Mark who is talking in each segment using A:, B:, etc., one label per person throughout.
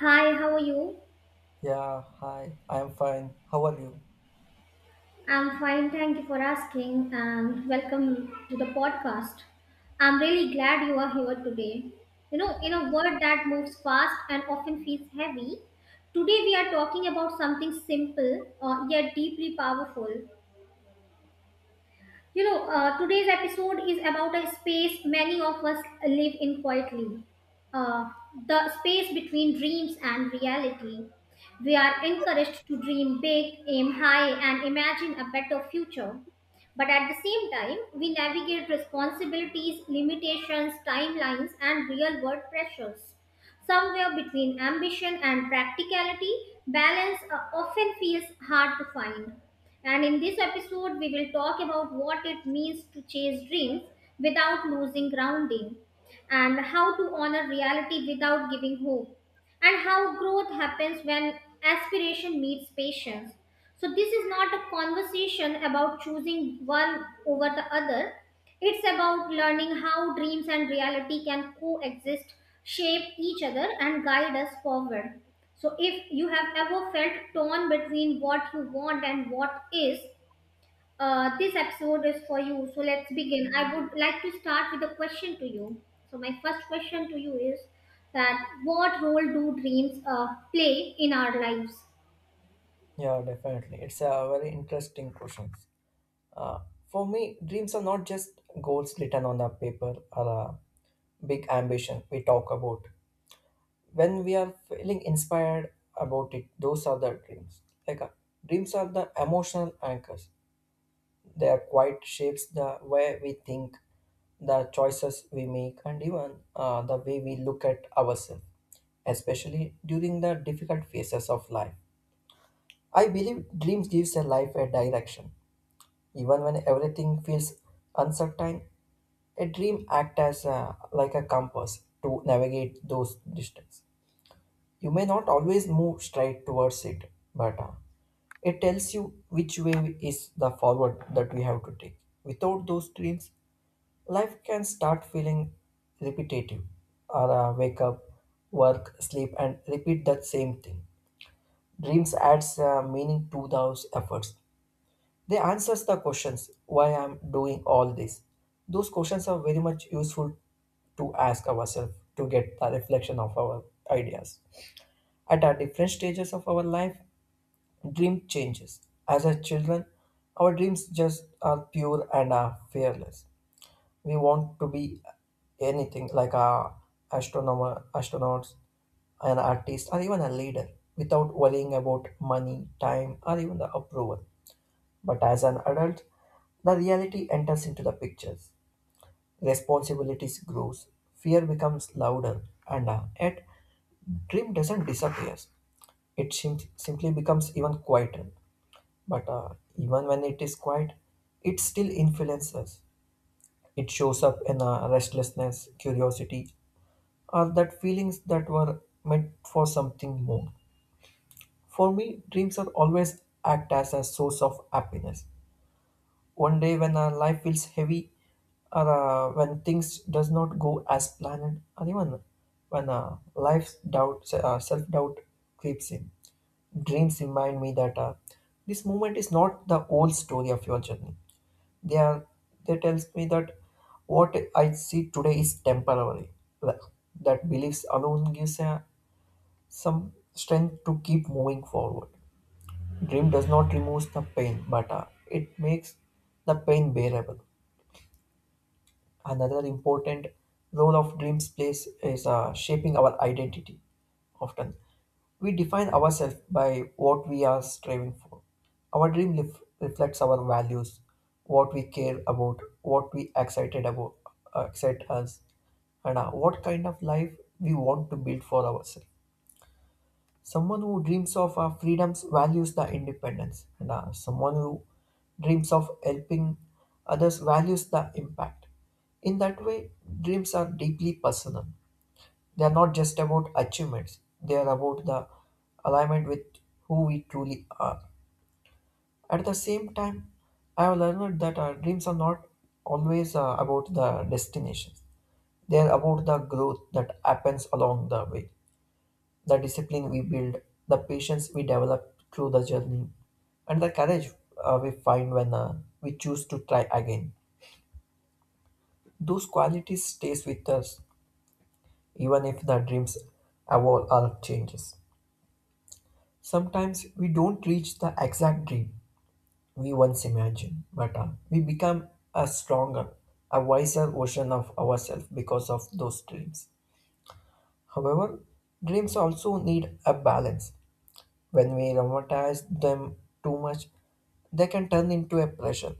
A: Hi, how are you?
B: Yeah, hi. I'm fine. How are you?
A: I'm fine, thank you for asking, and welcome to the podcast. I'm really glad you are here today. You know, in a world that moves fast and often feels heavy, today we are talking about something simple yet deeply powerful. You know, today's episode is about a space many of us live in quietly, uh, the space between dreams and reality. We are encouraged to dream big, aim high, and imagine a better future. But at the same time, we navigate responsibilities, limitations, timelines, and real world pressures. Somewhere between ambition and practicality, balance often feels hard to find. And in this episode, we will talk about what it means to chase dreams without losing grounding, and how to honor reality without giving hope, and how growth happens when aspiration meets patience. So, this is not a conversation about choosing one over the other. It's about learning how dreams and reality can coexist, shape each other, and guide us forward. So, if you have ever felt torn between what you want and what is, this episode is for you. So, let's begin. I would like to start with a question to you. So, my first question to you is that what role do dreams play in our lives?
B: Yeah, definitely. It's a very interesting question. Uh, for me, dreams are not just goals written on a paper or a big ambition we talk about. When we are feeling inspired about it, those are the dreams. Like dreams are the emotional anchors. They are quite shapes the way we think, the choices we make, and even the way we look at ourselves, especially during the difficult phases of life. I believe dreams gives a life a direction. Even when everything feels uncertain, a dream act as like a compass to navigate those distance. You may not always move straight towards it, but it tells you which way is the forward that we have to take. Without those dreams, life can start feeling repetitive or wake up, work, sleep, and repeat that same thing. Dreams adds meaning to those efforts. They answers the questions why I'm doing all this. Those questions are very much useful to ask ourselves to get the reflection of our ideas. At our different stages of our life, dream changes. As a children, our dreams just are pure and are fearless. We want to be anything like a astronomer, astronauts, an artist, or even a leader without worrying about money, time, or even the approval. But as an adult, the reality enters into the pictures. Responsibilities grows, fear becomes louder, and yet dream doesn't disappear. Simply becomes even quieter. But even when it is quiet, it still influences us. It shows up in restlessness, curiosity, or that feelings that were meant for something more. For me, dreams are always act as a source of happiness. One day when our life feels heavy, or when things does not go as planned, or even when self-doubt creeps in, dreams remind me that this moment is not the whole story of your journey. They are they tells me that what I see today is temporary. That that beliefs alone gives some strength to keep moving forward. Dream does not remove the pain, but it makes the pain bearable. Another important role of dreams plays is shaping our identity. Often, we define ourselves by what we are striving for. Our reflects our values, what we care about, what excite us, and what kind of life we want to build for ourselves. Someone who dreams of freedoms values the independence, and someone who dreams of helping others values the impact. In that way, dreams are deeply personal. They are not just about achievements, they are about the alignment with who we truly are. At the same time, I have learned that our dreams are not always about the destinations. They are about the growth that happens along the way, the discipline we build, the patience we develop through the journey, and the courage we find when we choose to try again. Those qualities stays with us even if the dreams evolve or changes. Sometimes we don't reach the exact dream we once imagined, but we become a stronger, a wiser version of ourselves because of those dreams. However, dreams also need a balance. When we romanticize them too much, they can turn into a pressure.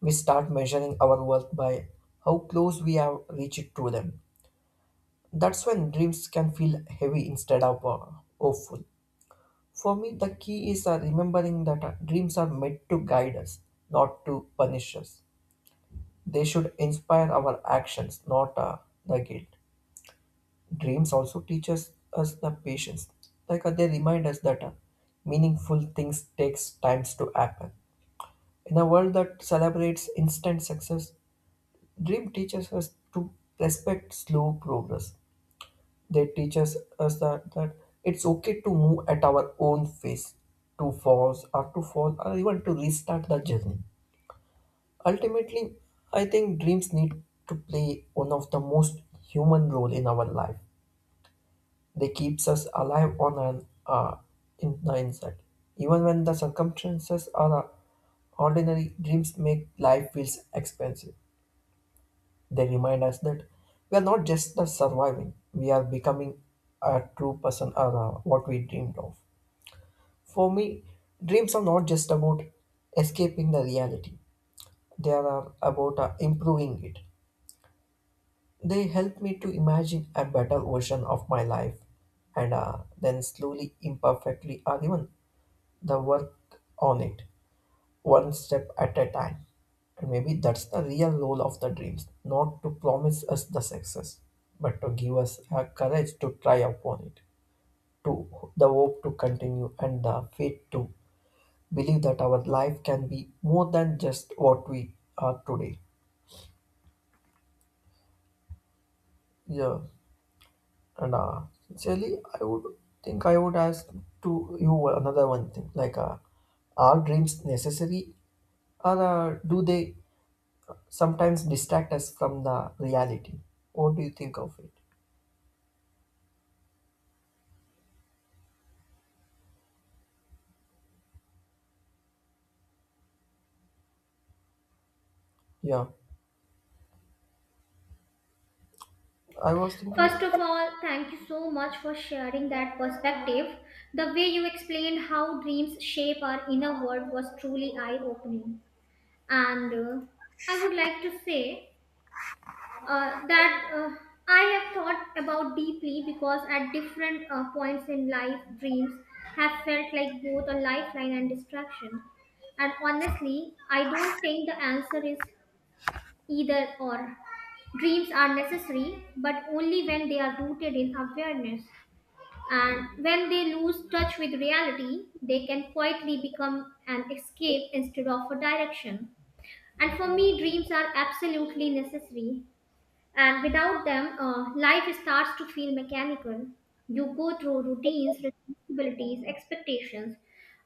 B: We start measuring our worth by how close we have reached to them. That's when dreams can feel heavy instead of hopeful. For me, the key is remembering that dreams are meant to guide us, not to punish us. They should inspire our actions, not the guilt. Dreams also us the patience. Like they remind us that meaningful things takes times to happen. In a world that celebrates instant success, dream teaches us to respect slow progress. They us that it's okay to move at our own pace, to pause or to fall or even to restart the journey. Ultimately, I think dreams need to play one of the most human role in our life. They keeps us alive on an in the inside. Even when the circumstances are ordinary, dreams make life feels expensive. They remind us that we are not just the surviving, we are becoming a true person or what we dreamed of. For me, dreams are not just about escaping the reality, they are about improving it. They help me to imagine a better version of my life and then slowly, imperfectly, or even the work on it, one step at a time. And maybe that's the real role of the dreams, not to promise us the success, but to give us a courage to try upon it, to the hope to continue and the faith to believe that our life can be more than just what we are today. Yeah, and sincerely, I would think I would ask to you another one thing, like are dreams necessary or do they sometimes distract us from the reality. What do you think of it? Yeah, I was
A: First
B: thinking,
A: of all, thank you so much for sharing that perspective. The way you explained how dreams shape our inner world was truly eye opening. And I would like to say that I have thought about deeply because at different points in life, dreams have felt like both a lifeline and distraction. And honestly, I don't think the answer is either or. Dreams are necessary, but only when they are rooted in awareness. And when they lose touch with reality, they can quietly become an escape instead of a direction. And for me, dreams are absolutely necessary and without them, life starts to feel mechanical. You go through routines, responsibilities, expectations,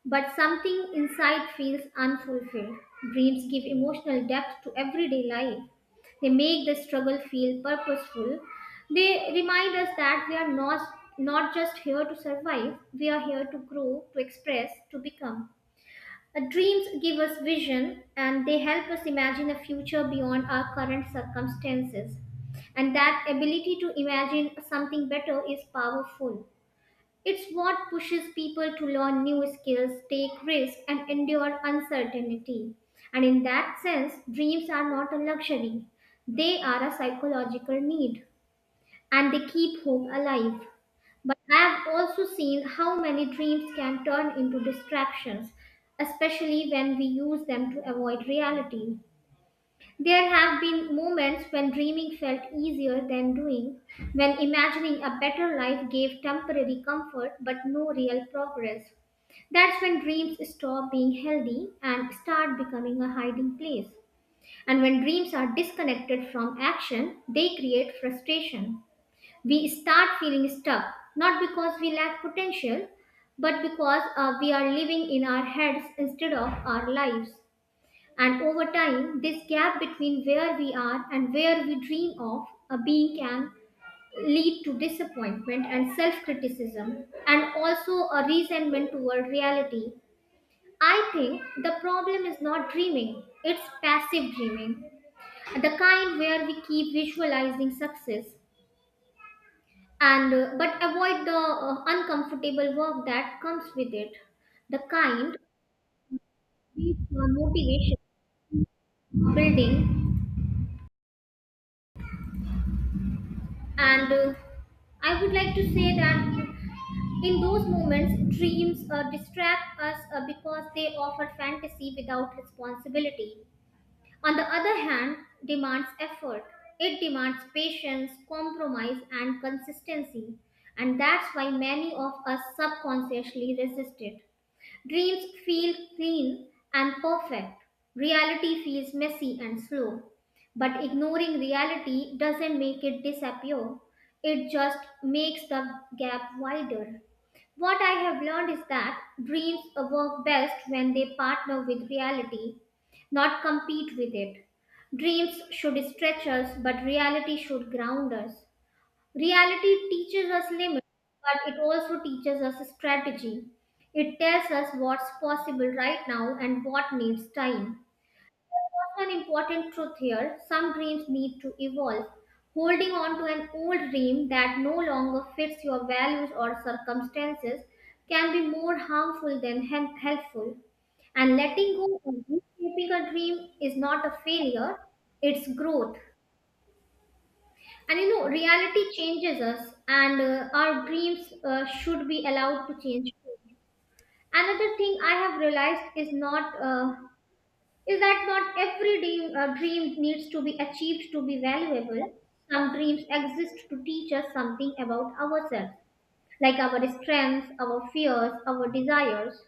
A: but something inside feels unfulfilled. Dreams give emotional depth to everyday life. They make the struggle feel purposeful. They remind us that we are not, not just here to survive, we are here to grow, to express, to become. Dreams give us vision and they help us imagine a future beyond our current circumstances. And that ability to imagine something better is powerful. It's what pushes people to learn new skills, take risks, and endure uncertainty. And in that sense, dreams are not a luxury, they are a psychological need and they keep hope alive. But I have also seen how many dreams can turn into distractions, especially when we use them to avoid reality. There have been moments when dreaming felt easier than doing, when imagining a better life gave temporary comfort but no real progress. That's when dreams stop being healthy and start becoming a hiding place. And when dreams are disconnected from action, they create frustration. We start feeling stuck, not because we lack potential, but because we are living in our heads instead of our lives. And over time, this gap between where we are and where we dream of being can lead to disappointment and self criticism, and also a resentment toward reality. I think the problem is not dreaming, it's passive dreaming, the kind where we keep visualizing success and but avoid the uncomfortable work that comes with it, the kind with motivation building and I would like to say that in those moments dreams distract us because they offer fantasy without responsibility. On the other hand, demands effort. It demands patience, compromise, and consistency, and that's why many of us subconsciously resist it. Dreams feel clean and perfect. Reality feels messy and slow. But ignoring reality doesn't make it disappear, it just makes the gap wider. What I have learned is that dreams work best when they partner with reality, not compete with it. Dreams should stretch us, but reality should ground us. Reality teaches us limits, but it also teaches us strategy. It tells us what's possible right now and what needs time. There's also an important truth here: some dreams need to evolve. Holding on to an old dream that no longer fits your values or circumstances can be more harmful than helpful. And letting go of reshaping a dream is not a failure, it's growth. And you know, reality changes us, and our dreams should be allowed to change too. Another thing I have realized is not is that not every dream needs to be achieved to be valuable. Some dreams exist to teach us something about ourselves, like our strengths, our fears, our desires.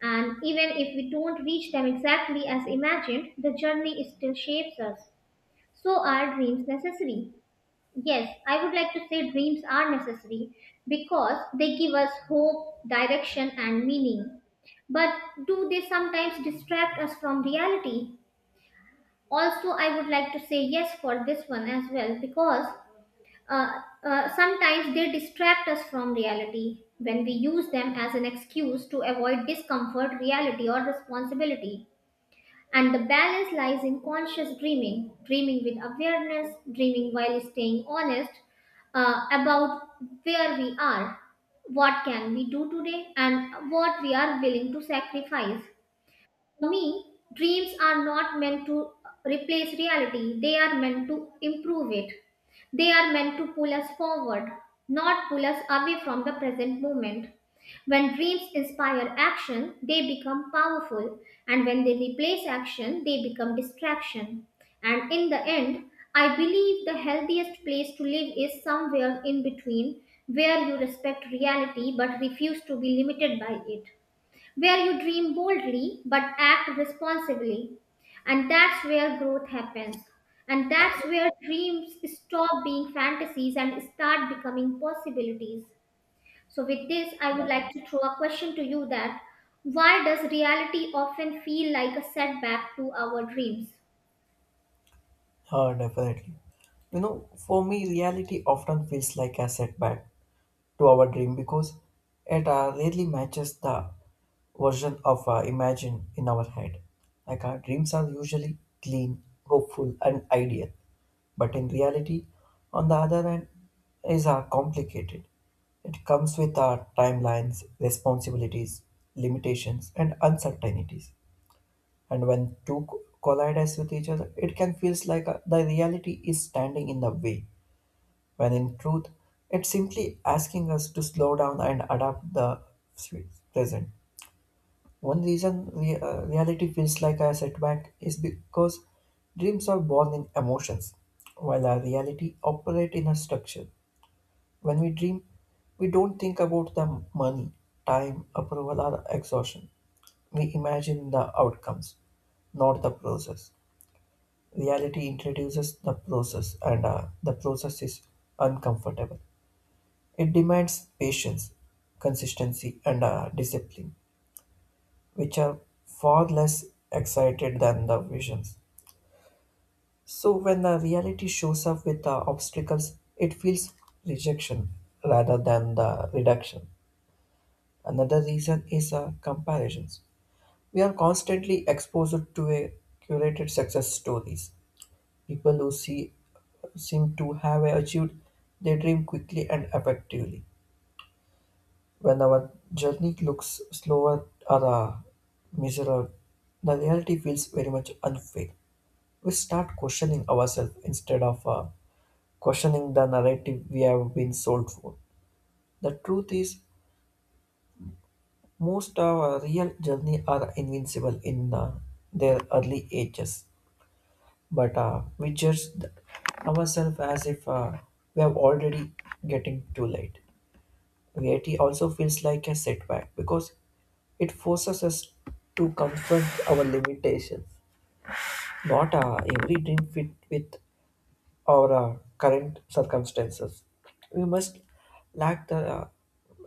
A: And even if we don't reach them exactly as imagined, the journey still shapes us. So are dreams necessary? Yes, I would like to say dreams are necessary because they give us hope, direction, and meaning. But do they sometimes distract us from reality? Also, I would like to say yes for this one as well because uh, sometimes they distract us from reality when we use them as an excuse to avoid discomfort, reality, or responsibility. And the balance lies in conscious dreaming, dreaming with awareness, dreaming while staying honest about where we are, what can we do today, and what we are willing to sacrifice. For me, dreams are not meant to replace reality, they are meant to improve it. They are meant to pull us forward, not pull us away from the present moment. When dreams inspire action, they become powerful, and when they replace action, they become distraction. And in the end, I believe the healthiest place to live is somewhere in between, where you respect reality but refuse to be limited by it, where you dream boldly but act responsibly. And that's where growth happens. And that's where dreams stop being fantasies and start becoming possibilities. So, with this, I would like to throw a question to you: that why does reality often feel like a setback to our dreams?
B: definitely. You know, for me, reality often feels like a setback to our dream because it rarely matches the version of imagine in our head. Like our dreams are usually clean, hopeful, and ideal, but in reality, on the other hand, is complicated. It comes with our timelines, responsibilities, limitations, and uncertainties. And when collide with each other, it can feel like the reality is standing in the way when in truth, it's simply asking us to slow down and adapt the sweet present. One reason reality feels like a setback is because dreams are born in emotions, while our reality operate in a structure. When we dream, we don't think about the money, time, approval, or exhaustion. We imagine the outcomes, not the process. Reality introduces the process, and the process is uncomfortable. It demands patience, consistency, and discipline, which are far less excited than the visions. So when the reality shows up with the obstacles, it feels rejection rather than the reduction. Another reason is comparisons. We are constantly exposed to a curated success stories. People who see seem to have achieved their dream quickly and effectively. When our journey looks slower or miserable, the reality feels very much unfair. We start questioning ourselves instead of questioning the narrative we have been sold for. The truth is, most of our real journey are invincible in their early ages, but we judge ourselves as if we have already getting too late. VAT also feels like a setback because it forces us to confront our limitations. Not every dream fit with our current circumstances. We must lack the uh,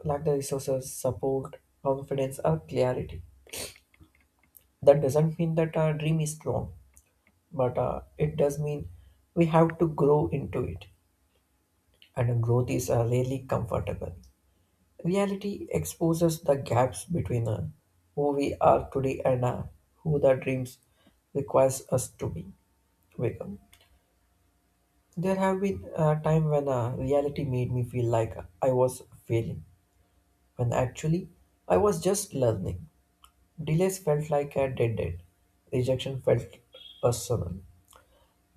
B: lack the resources, support, confidence, or clarity. That doesn't mean that our dream is wrong, but it does mean we have to grow into it, and growth is really comfortable. Reality exposes the gaps between who we are today and who the dreams requires us to be become. There have been a time when reality made me feel like I was failing, when actually I was just learning. Delays felt like a dead end. Rejection felt personal.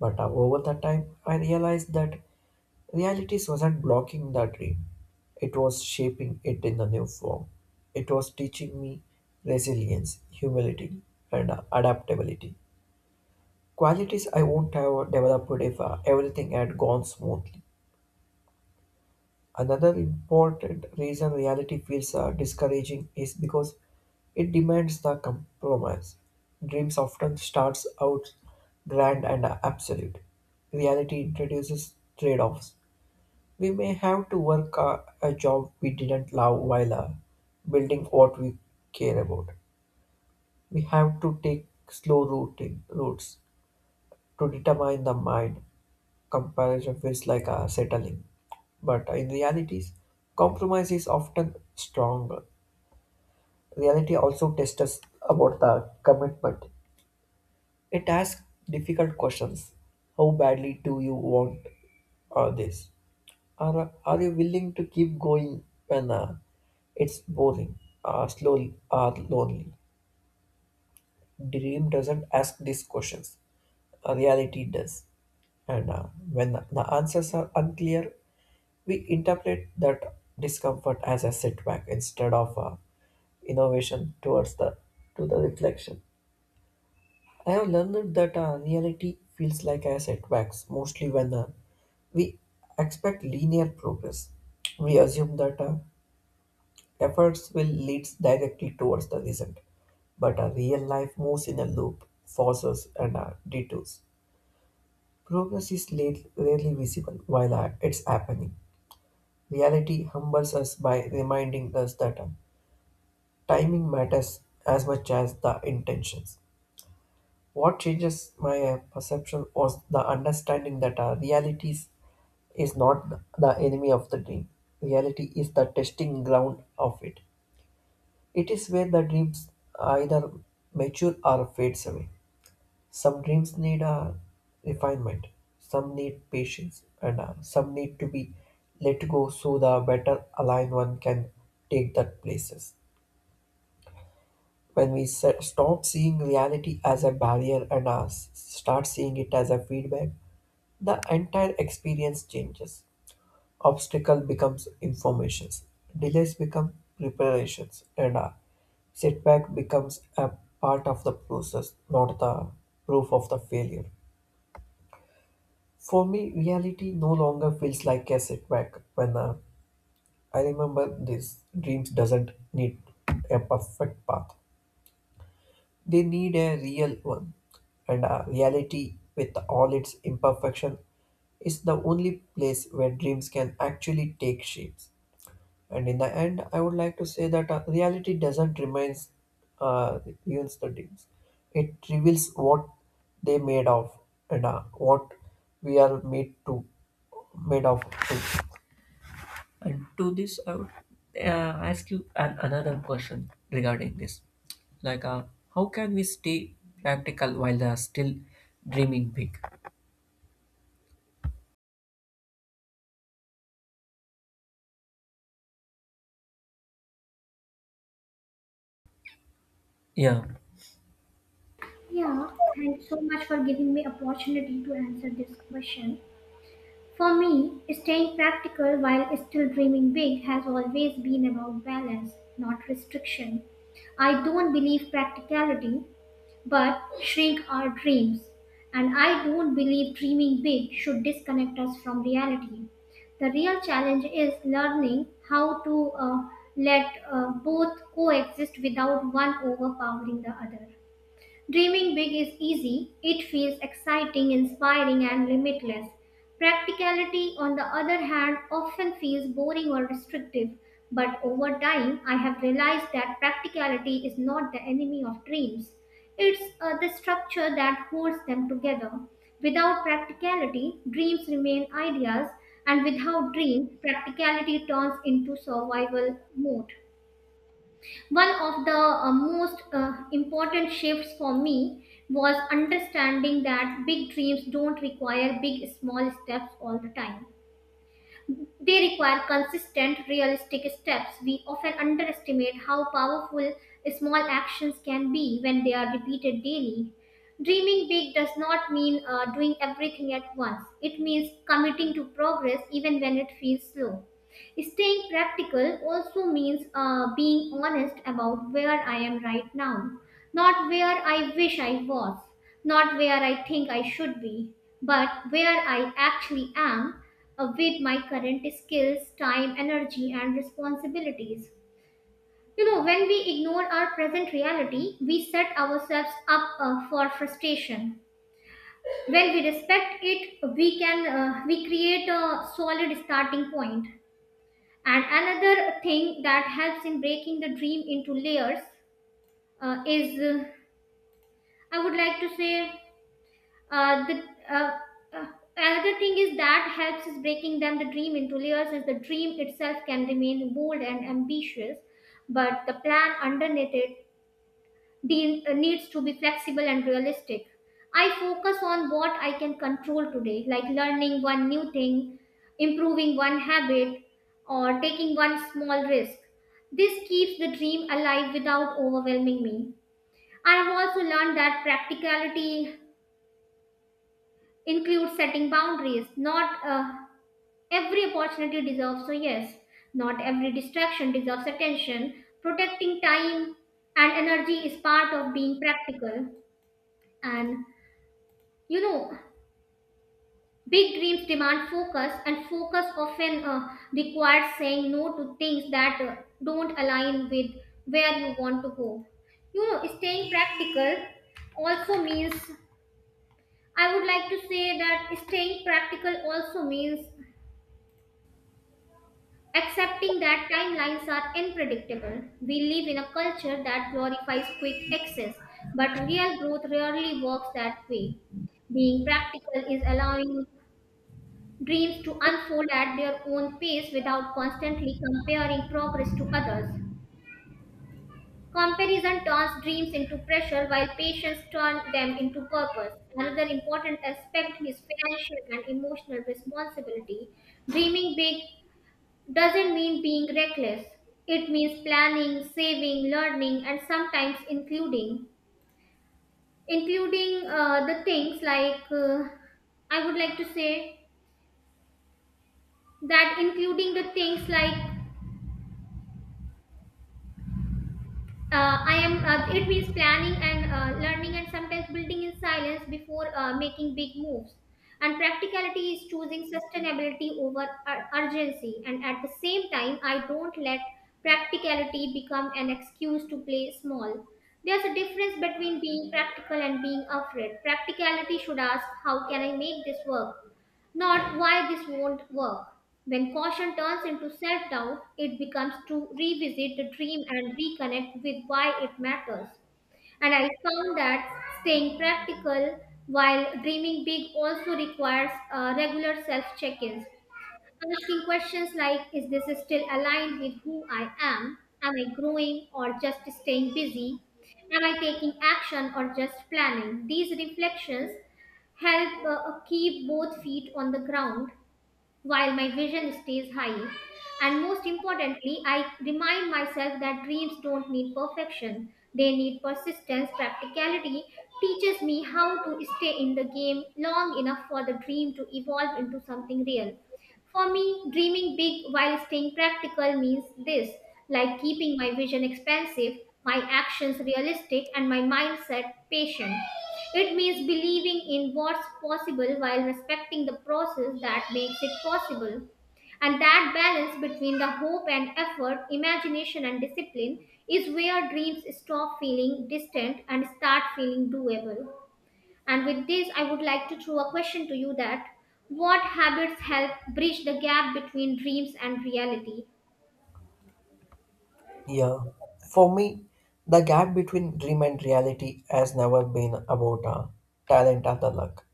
B: But over the time, I realized that Realities wasn't blocking the dream, it was shaping it in a new form. It was teaching me resilience, humility, and adaptability. Qualities I wouldn't have developed if everything had gone smoothly. Another important reason reality feels discouraging is because it demands the compromise. Dreams often starts out grand and absolute. Reality introduces trade-offs. We may have to work a job we didn't love while building what we care about. We have to take slow routing routes to determine the mind. Comparison feels like a settling, but in realities, compromise is often stronger. Reality also tests us about the commitment. It asks difficult questions. How badly do you want this? Are you willing to keep going when it's boring, slowly, or lonely? Dream doesn't ask these questions, reality does. And when the answers are unclear, we interpret that discomfort as a setback instead of innovation towards the to the reflection. I have learned that reality feels like a setback mostly when we expect linear progress. We assume that Efforts will lead directly towards the result, but a real life moves in a loop, forces, and detours. Progress is late, rarely visible while it's happening. Reality humbles us by reminding us that timing matters as much as the intentions. What changes my perception was the understanding that reality is not the enemy of the dream. Reality is the testing ground of it. It is where the dreams either mature or fades away. Some dreams need a refinement, some need patience, and some need to be let go so the better aligned one can take that places. Stop seeing reality as a barrier and start seeing it as a feedback, the entire experience changes. Obstacle becomes informations, delays become preparations, and a setback becomes a part of the process, not the proof of the failure. For me, reality no longer feels like a setback when I remember this dreams doesn't need a perfect path. They need a real one. And reality with all its imperfection is the only place where dreams can actually take shapes. And in the end, I would like to say that reality doesn't remains uh, ruins the dreams. It reveals what they made of and what we are made to made of. To. Regarding this like how can we stay practical while they are still dreaming big, yeah?
A: Yeah, thanks so much for giving me opportunity to answer this question. For me, staying practical while still dreaming big has always been about balance, not restriction. I don't believe practicality, but shrink our dreams. And I don't believe dreaming big should disconnect us from reality. The real challenge is learning how to let both coexist without one overpowering the other. Dreaming big is easy, it feels exciting, inspiring, and limitless. Practicality, on the other hand, often feels boring or restrictive. But over time, I have realized that practicality is not the enemy of dreams. It's the structure that holds them together. Without practicality, dreams remain ideas, and without dream, practicality turns into survival mode. One of the most important shifts for me was understanding that big dreams don't require big, small steps all the time. They require consistent, realistic steps. We often underestimate how powerful small actions can be when they are repeated daily. Dreaming big does not mean doing everything at once, it means committing to progress even when it feels slow. Staying practical also means being honest about where I am right now, not where I wish I was, not where I think I should be, but where I actually am with my current skills, time, energy, and responsibilities. You know, when we ignore our present reality, we set ourselves up for frustration. When we respect it, we create a solid starting point. And another thing that helps in breaking the dream into layers is, I would like to say, the uh, uh, another thing is that helps is breaking them the dream into layers, is the dream itself can remain bold and ambitious, but the plan underneath it needs to be flexible and realistic. I focus on what I can control today, like learning one new thing, improving one habit, or taking one small risk. This keeps the dream alive without overwhelming me. I have also learned that practicality includes setting boundaries. Not every opportunity deserves a yes, not every distraction deserves attention. Protecting time and energy is part of being practical. And you know, big dreams demand focus, and focus often requires saying no to things that don't align with where you want to go. You know, staying practical also means, I would like to say that staying practical also means accepting that timelines are unpredictable. We live in a culture that glorifies quick access, but real growth rarely works that way. Being practical is allowing dreams to unfold at their own pace without constantly comparing progress to others. Comparison turns dreams into pressure while patience turns them into purpose. Another important aspect is financial and emotional responsibility. Dreaming big doesn't mean being reckless. It means planning, saving, learning, and sometimes including, including the things like I would like to say that including the things like I am. It means planning and learning, and sometimes building in silence before making big moves. And practicality is choosing sustainability over urgency. And at the same time, I don't let practicality become an excuse to play small. There's a difference between being practical and being afraid. Practicality should ask, "How can I make this work?" Not why this won't work. When caution turns into self doubt, it becomes to revisit the dream and reconnect with why it matters. And I found that staying practical while dreaming big also requires regular self check ins. Asking questions like, is this still aligned with who I am? Am I growing or just staying busy? Am I taking action or just planning? These reflections help keep both feet on the ground while my vision stays high. And most importantly, I remind myself that dreams don't need perfection, they need persistence. Practicality teaches me how to stay in the game long enough for the dream to evolve into something real. For me, dreaming big while staying practical means this, like keeping my vision expansive, my actions realistic, and my mindset patient. It means believing in what's possible while respecting the process that makes it possible. And that balance between the hope and effort, imagination and discipline is where dreams stop feeling distant and start feeling doable. And with this, I would like to throw a question to you: that what habits help bridge the gap between dreams and reality?
B: Yeah, for me, the gap between dream and reality has never been about talent or the luck.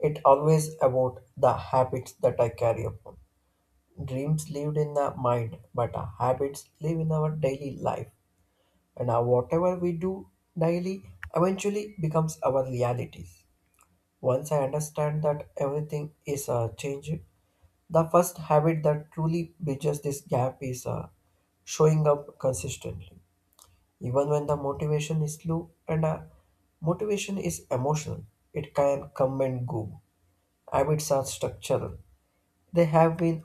B: It always about the habits that I carry upon. Dreams lived in the mind, but our habits live in our daily life, and our whatever we do daily eventually becomes our realities. Once I understand that everything is changed, the first habit that truly bridges this gap is showing up consistently. Even when the motivation is low and motivation is emotional, it can come and go. Habits are structural. There have been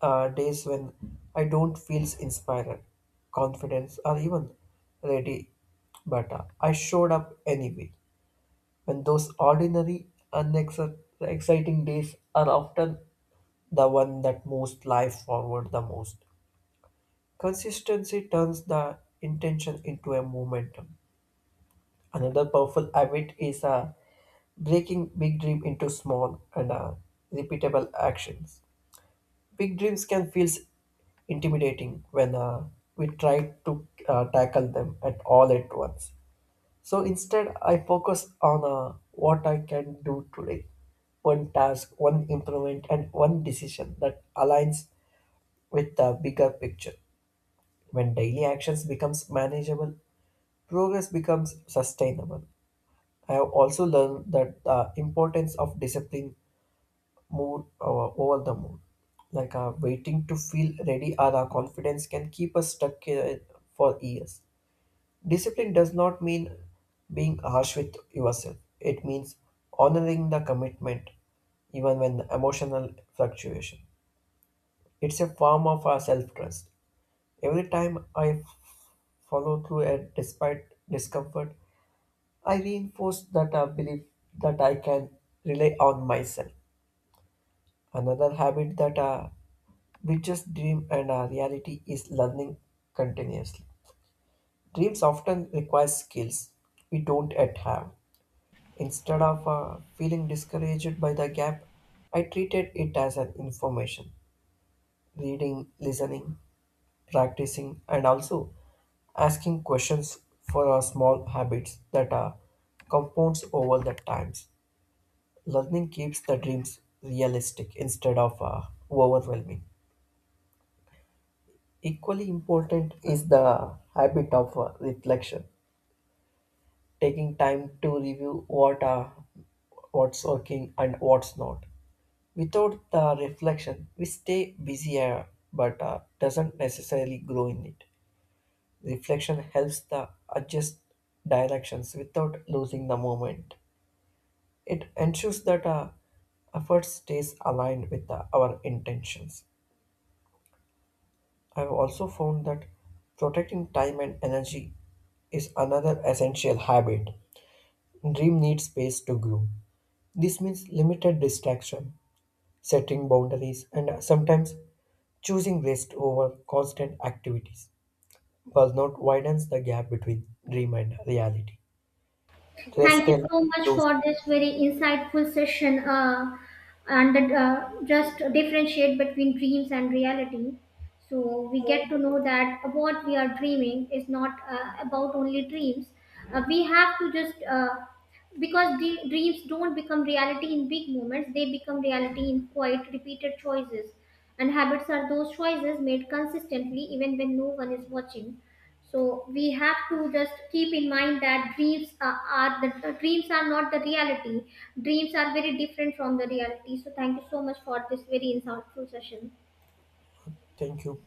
B: days when I don't feel inspired, confidence, or even ready, but I showed up anyway. When those ordinary and exciting days are often the one that moves life forward the most. Consistency turns the intention into a momentum. Another powerful habit is breaking big dream into small and repeatable actions. Big dreams can feel intimidating when we try to tackle them at all at once. So instead, I focus on what I can do today, one task, one improvement, and one decision that aligns with the bigger picture. When daily actions becomes manageable, progress becomes sustainable. I have also learned that the importance of discipline mood or over the mood. Like waiting to feel ready or our confidence can keep us stuck for years. Discipline does not mean being harsh with yourself. It means honoring the commitment even when emotional fluctuation. It's a form of our self-trust. Every time follow through and despite discomfort, I reinforce that belief that I can rely on myself. Another habit that bridges dream and reality is learning continuously. Dreams often require skills we don't yet have. Instead of feeling discouraged by the gap, I treated it as an information. Reading, listening, practicing, and also asking questions for our small habits that are compounds over the times. Learning keeps the dreams realistic instead of overwhelming. Equally important is the habit of reflection, taking time to review what's working and what's not. Without the reflection, we stay busier but doesn't necessarily grow in it. Reflection helps the adjust directions without losing the moment. It ensures that effort stays aligned with our intentions. I've also found that protecting time and energy is another essential habit. Dream needs space to grow. This means limited distraction, setting boundaries, and sometimes choosing rest over constant activities. Burnout widens the gap between dream and reality. Rest
A: Thank you
B: and
A: so much
B: those.
A: for this very insightful session and just differentiate between dreams and reality. So we get to know that what we are dreaming is not about only dreams. We have to just because dreams don't become reality in big moments; they become reality in quiet, repeated choices. And habits are those choices made consistently, even when no one is watching. So we have to just keep in mind that dreams are the dreams are not the reality. Dreams are very different from the reality, so thank you so much for this very insightful session.
B: Thank you.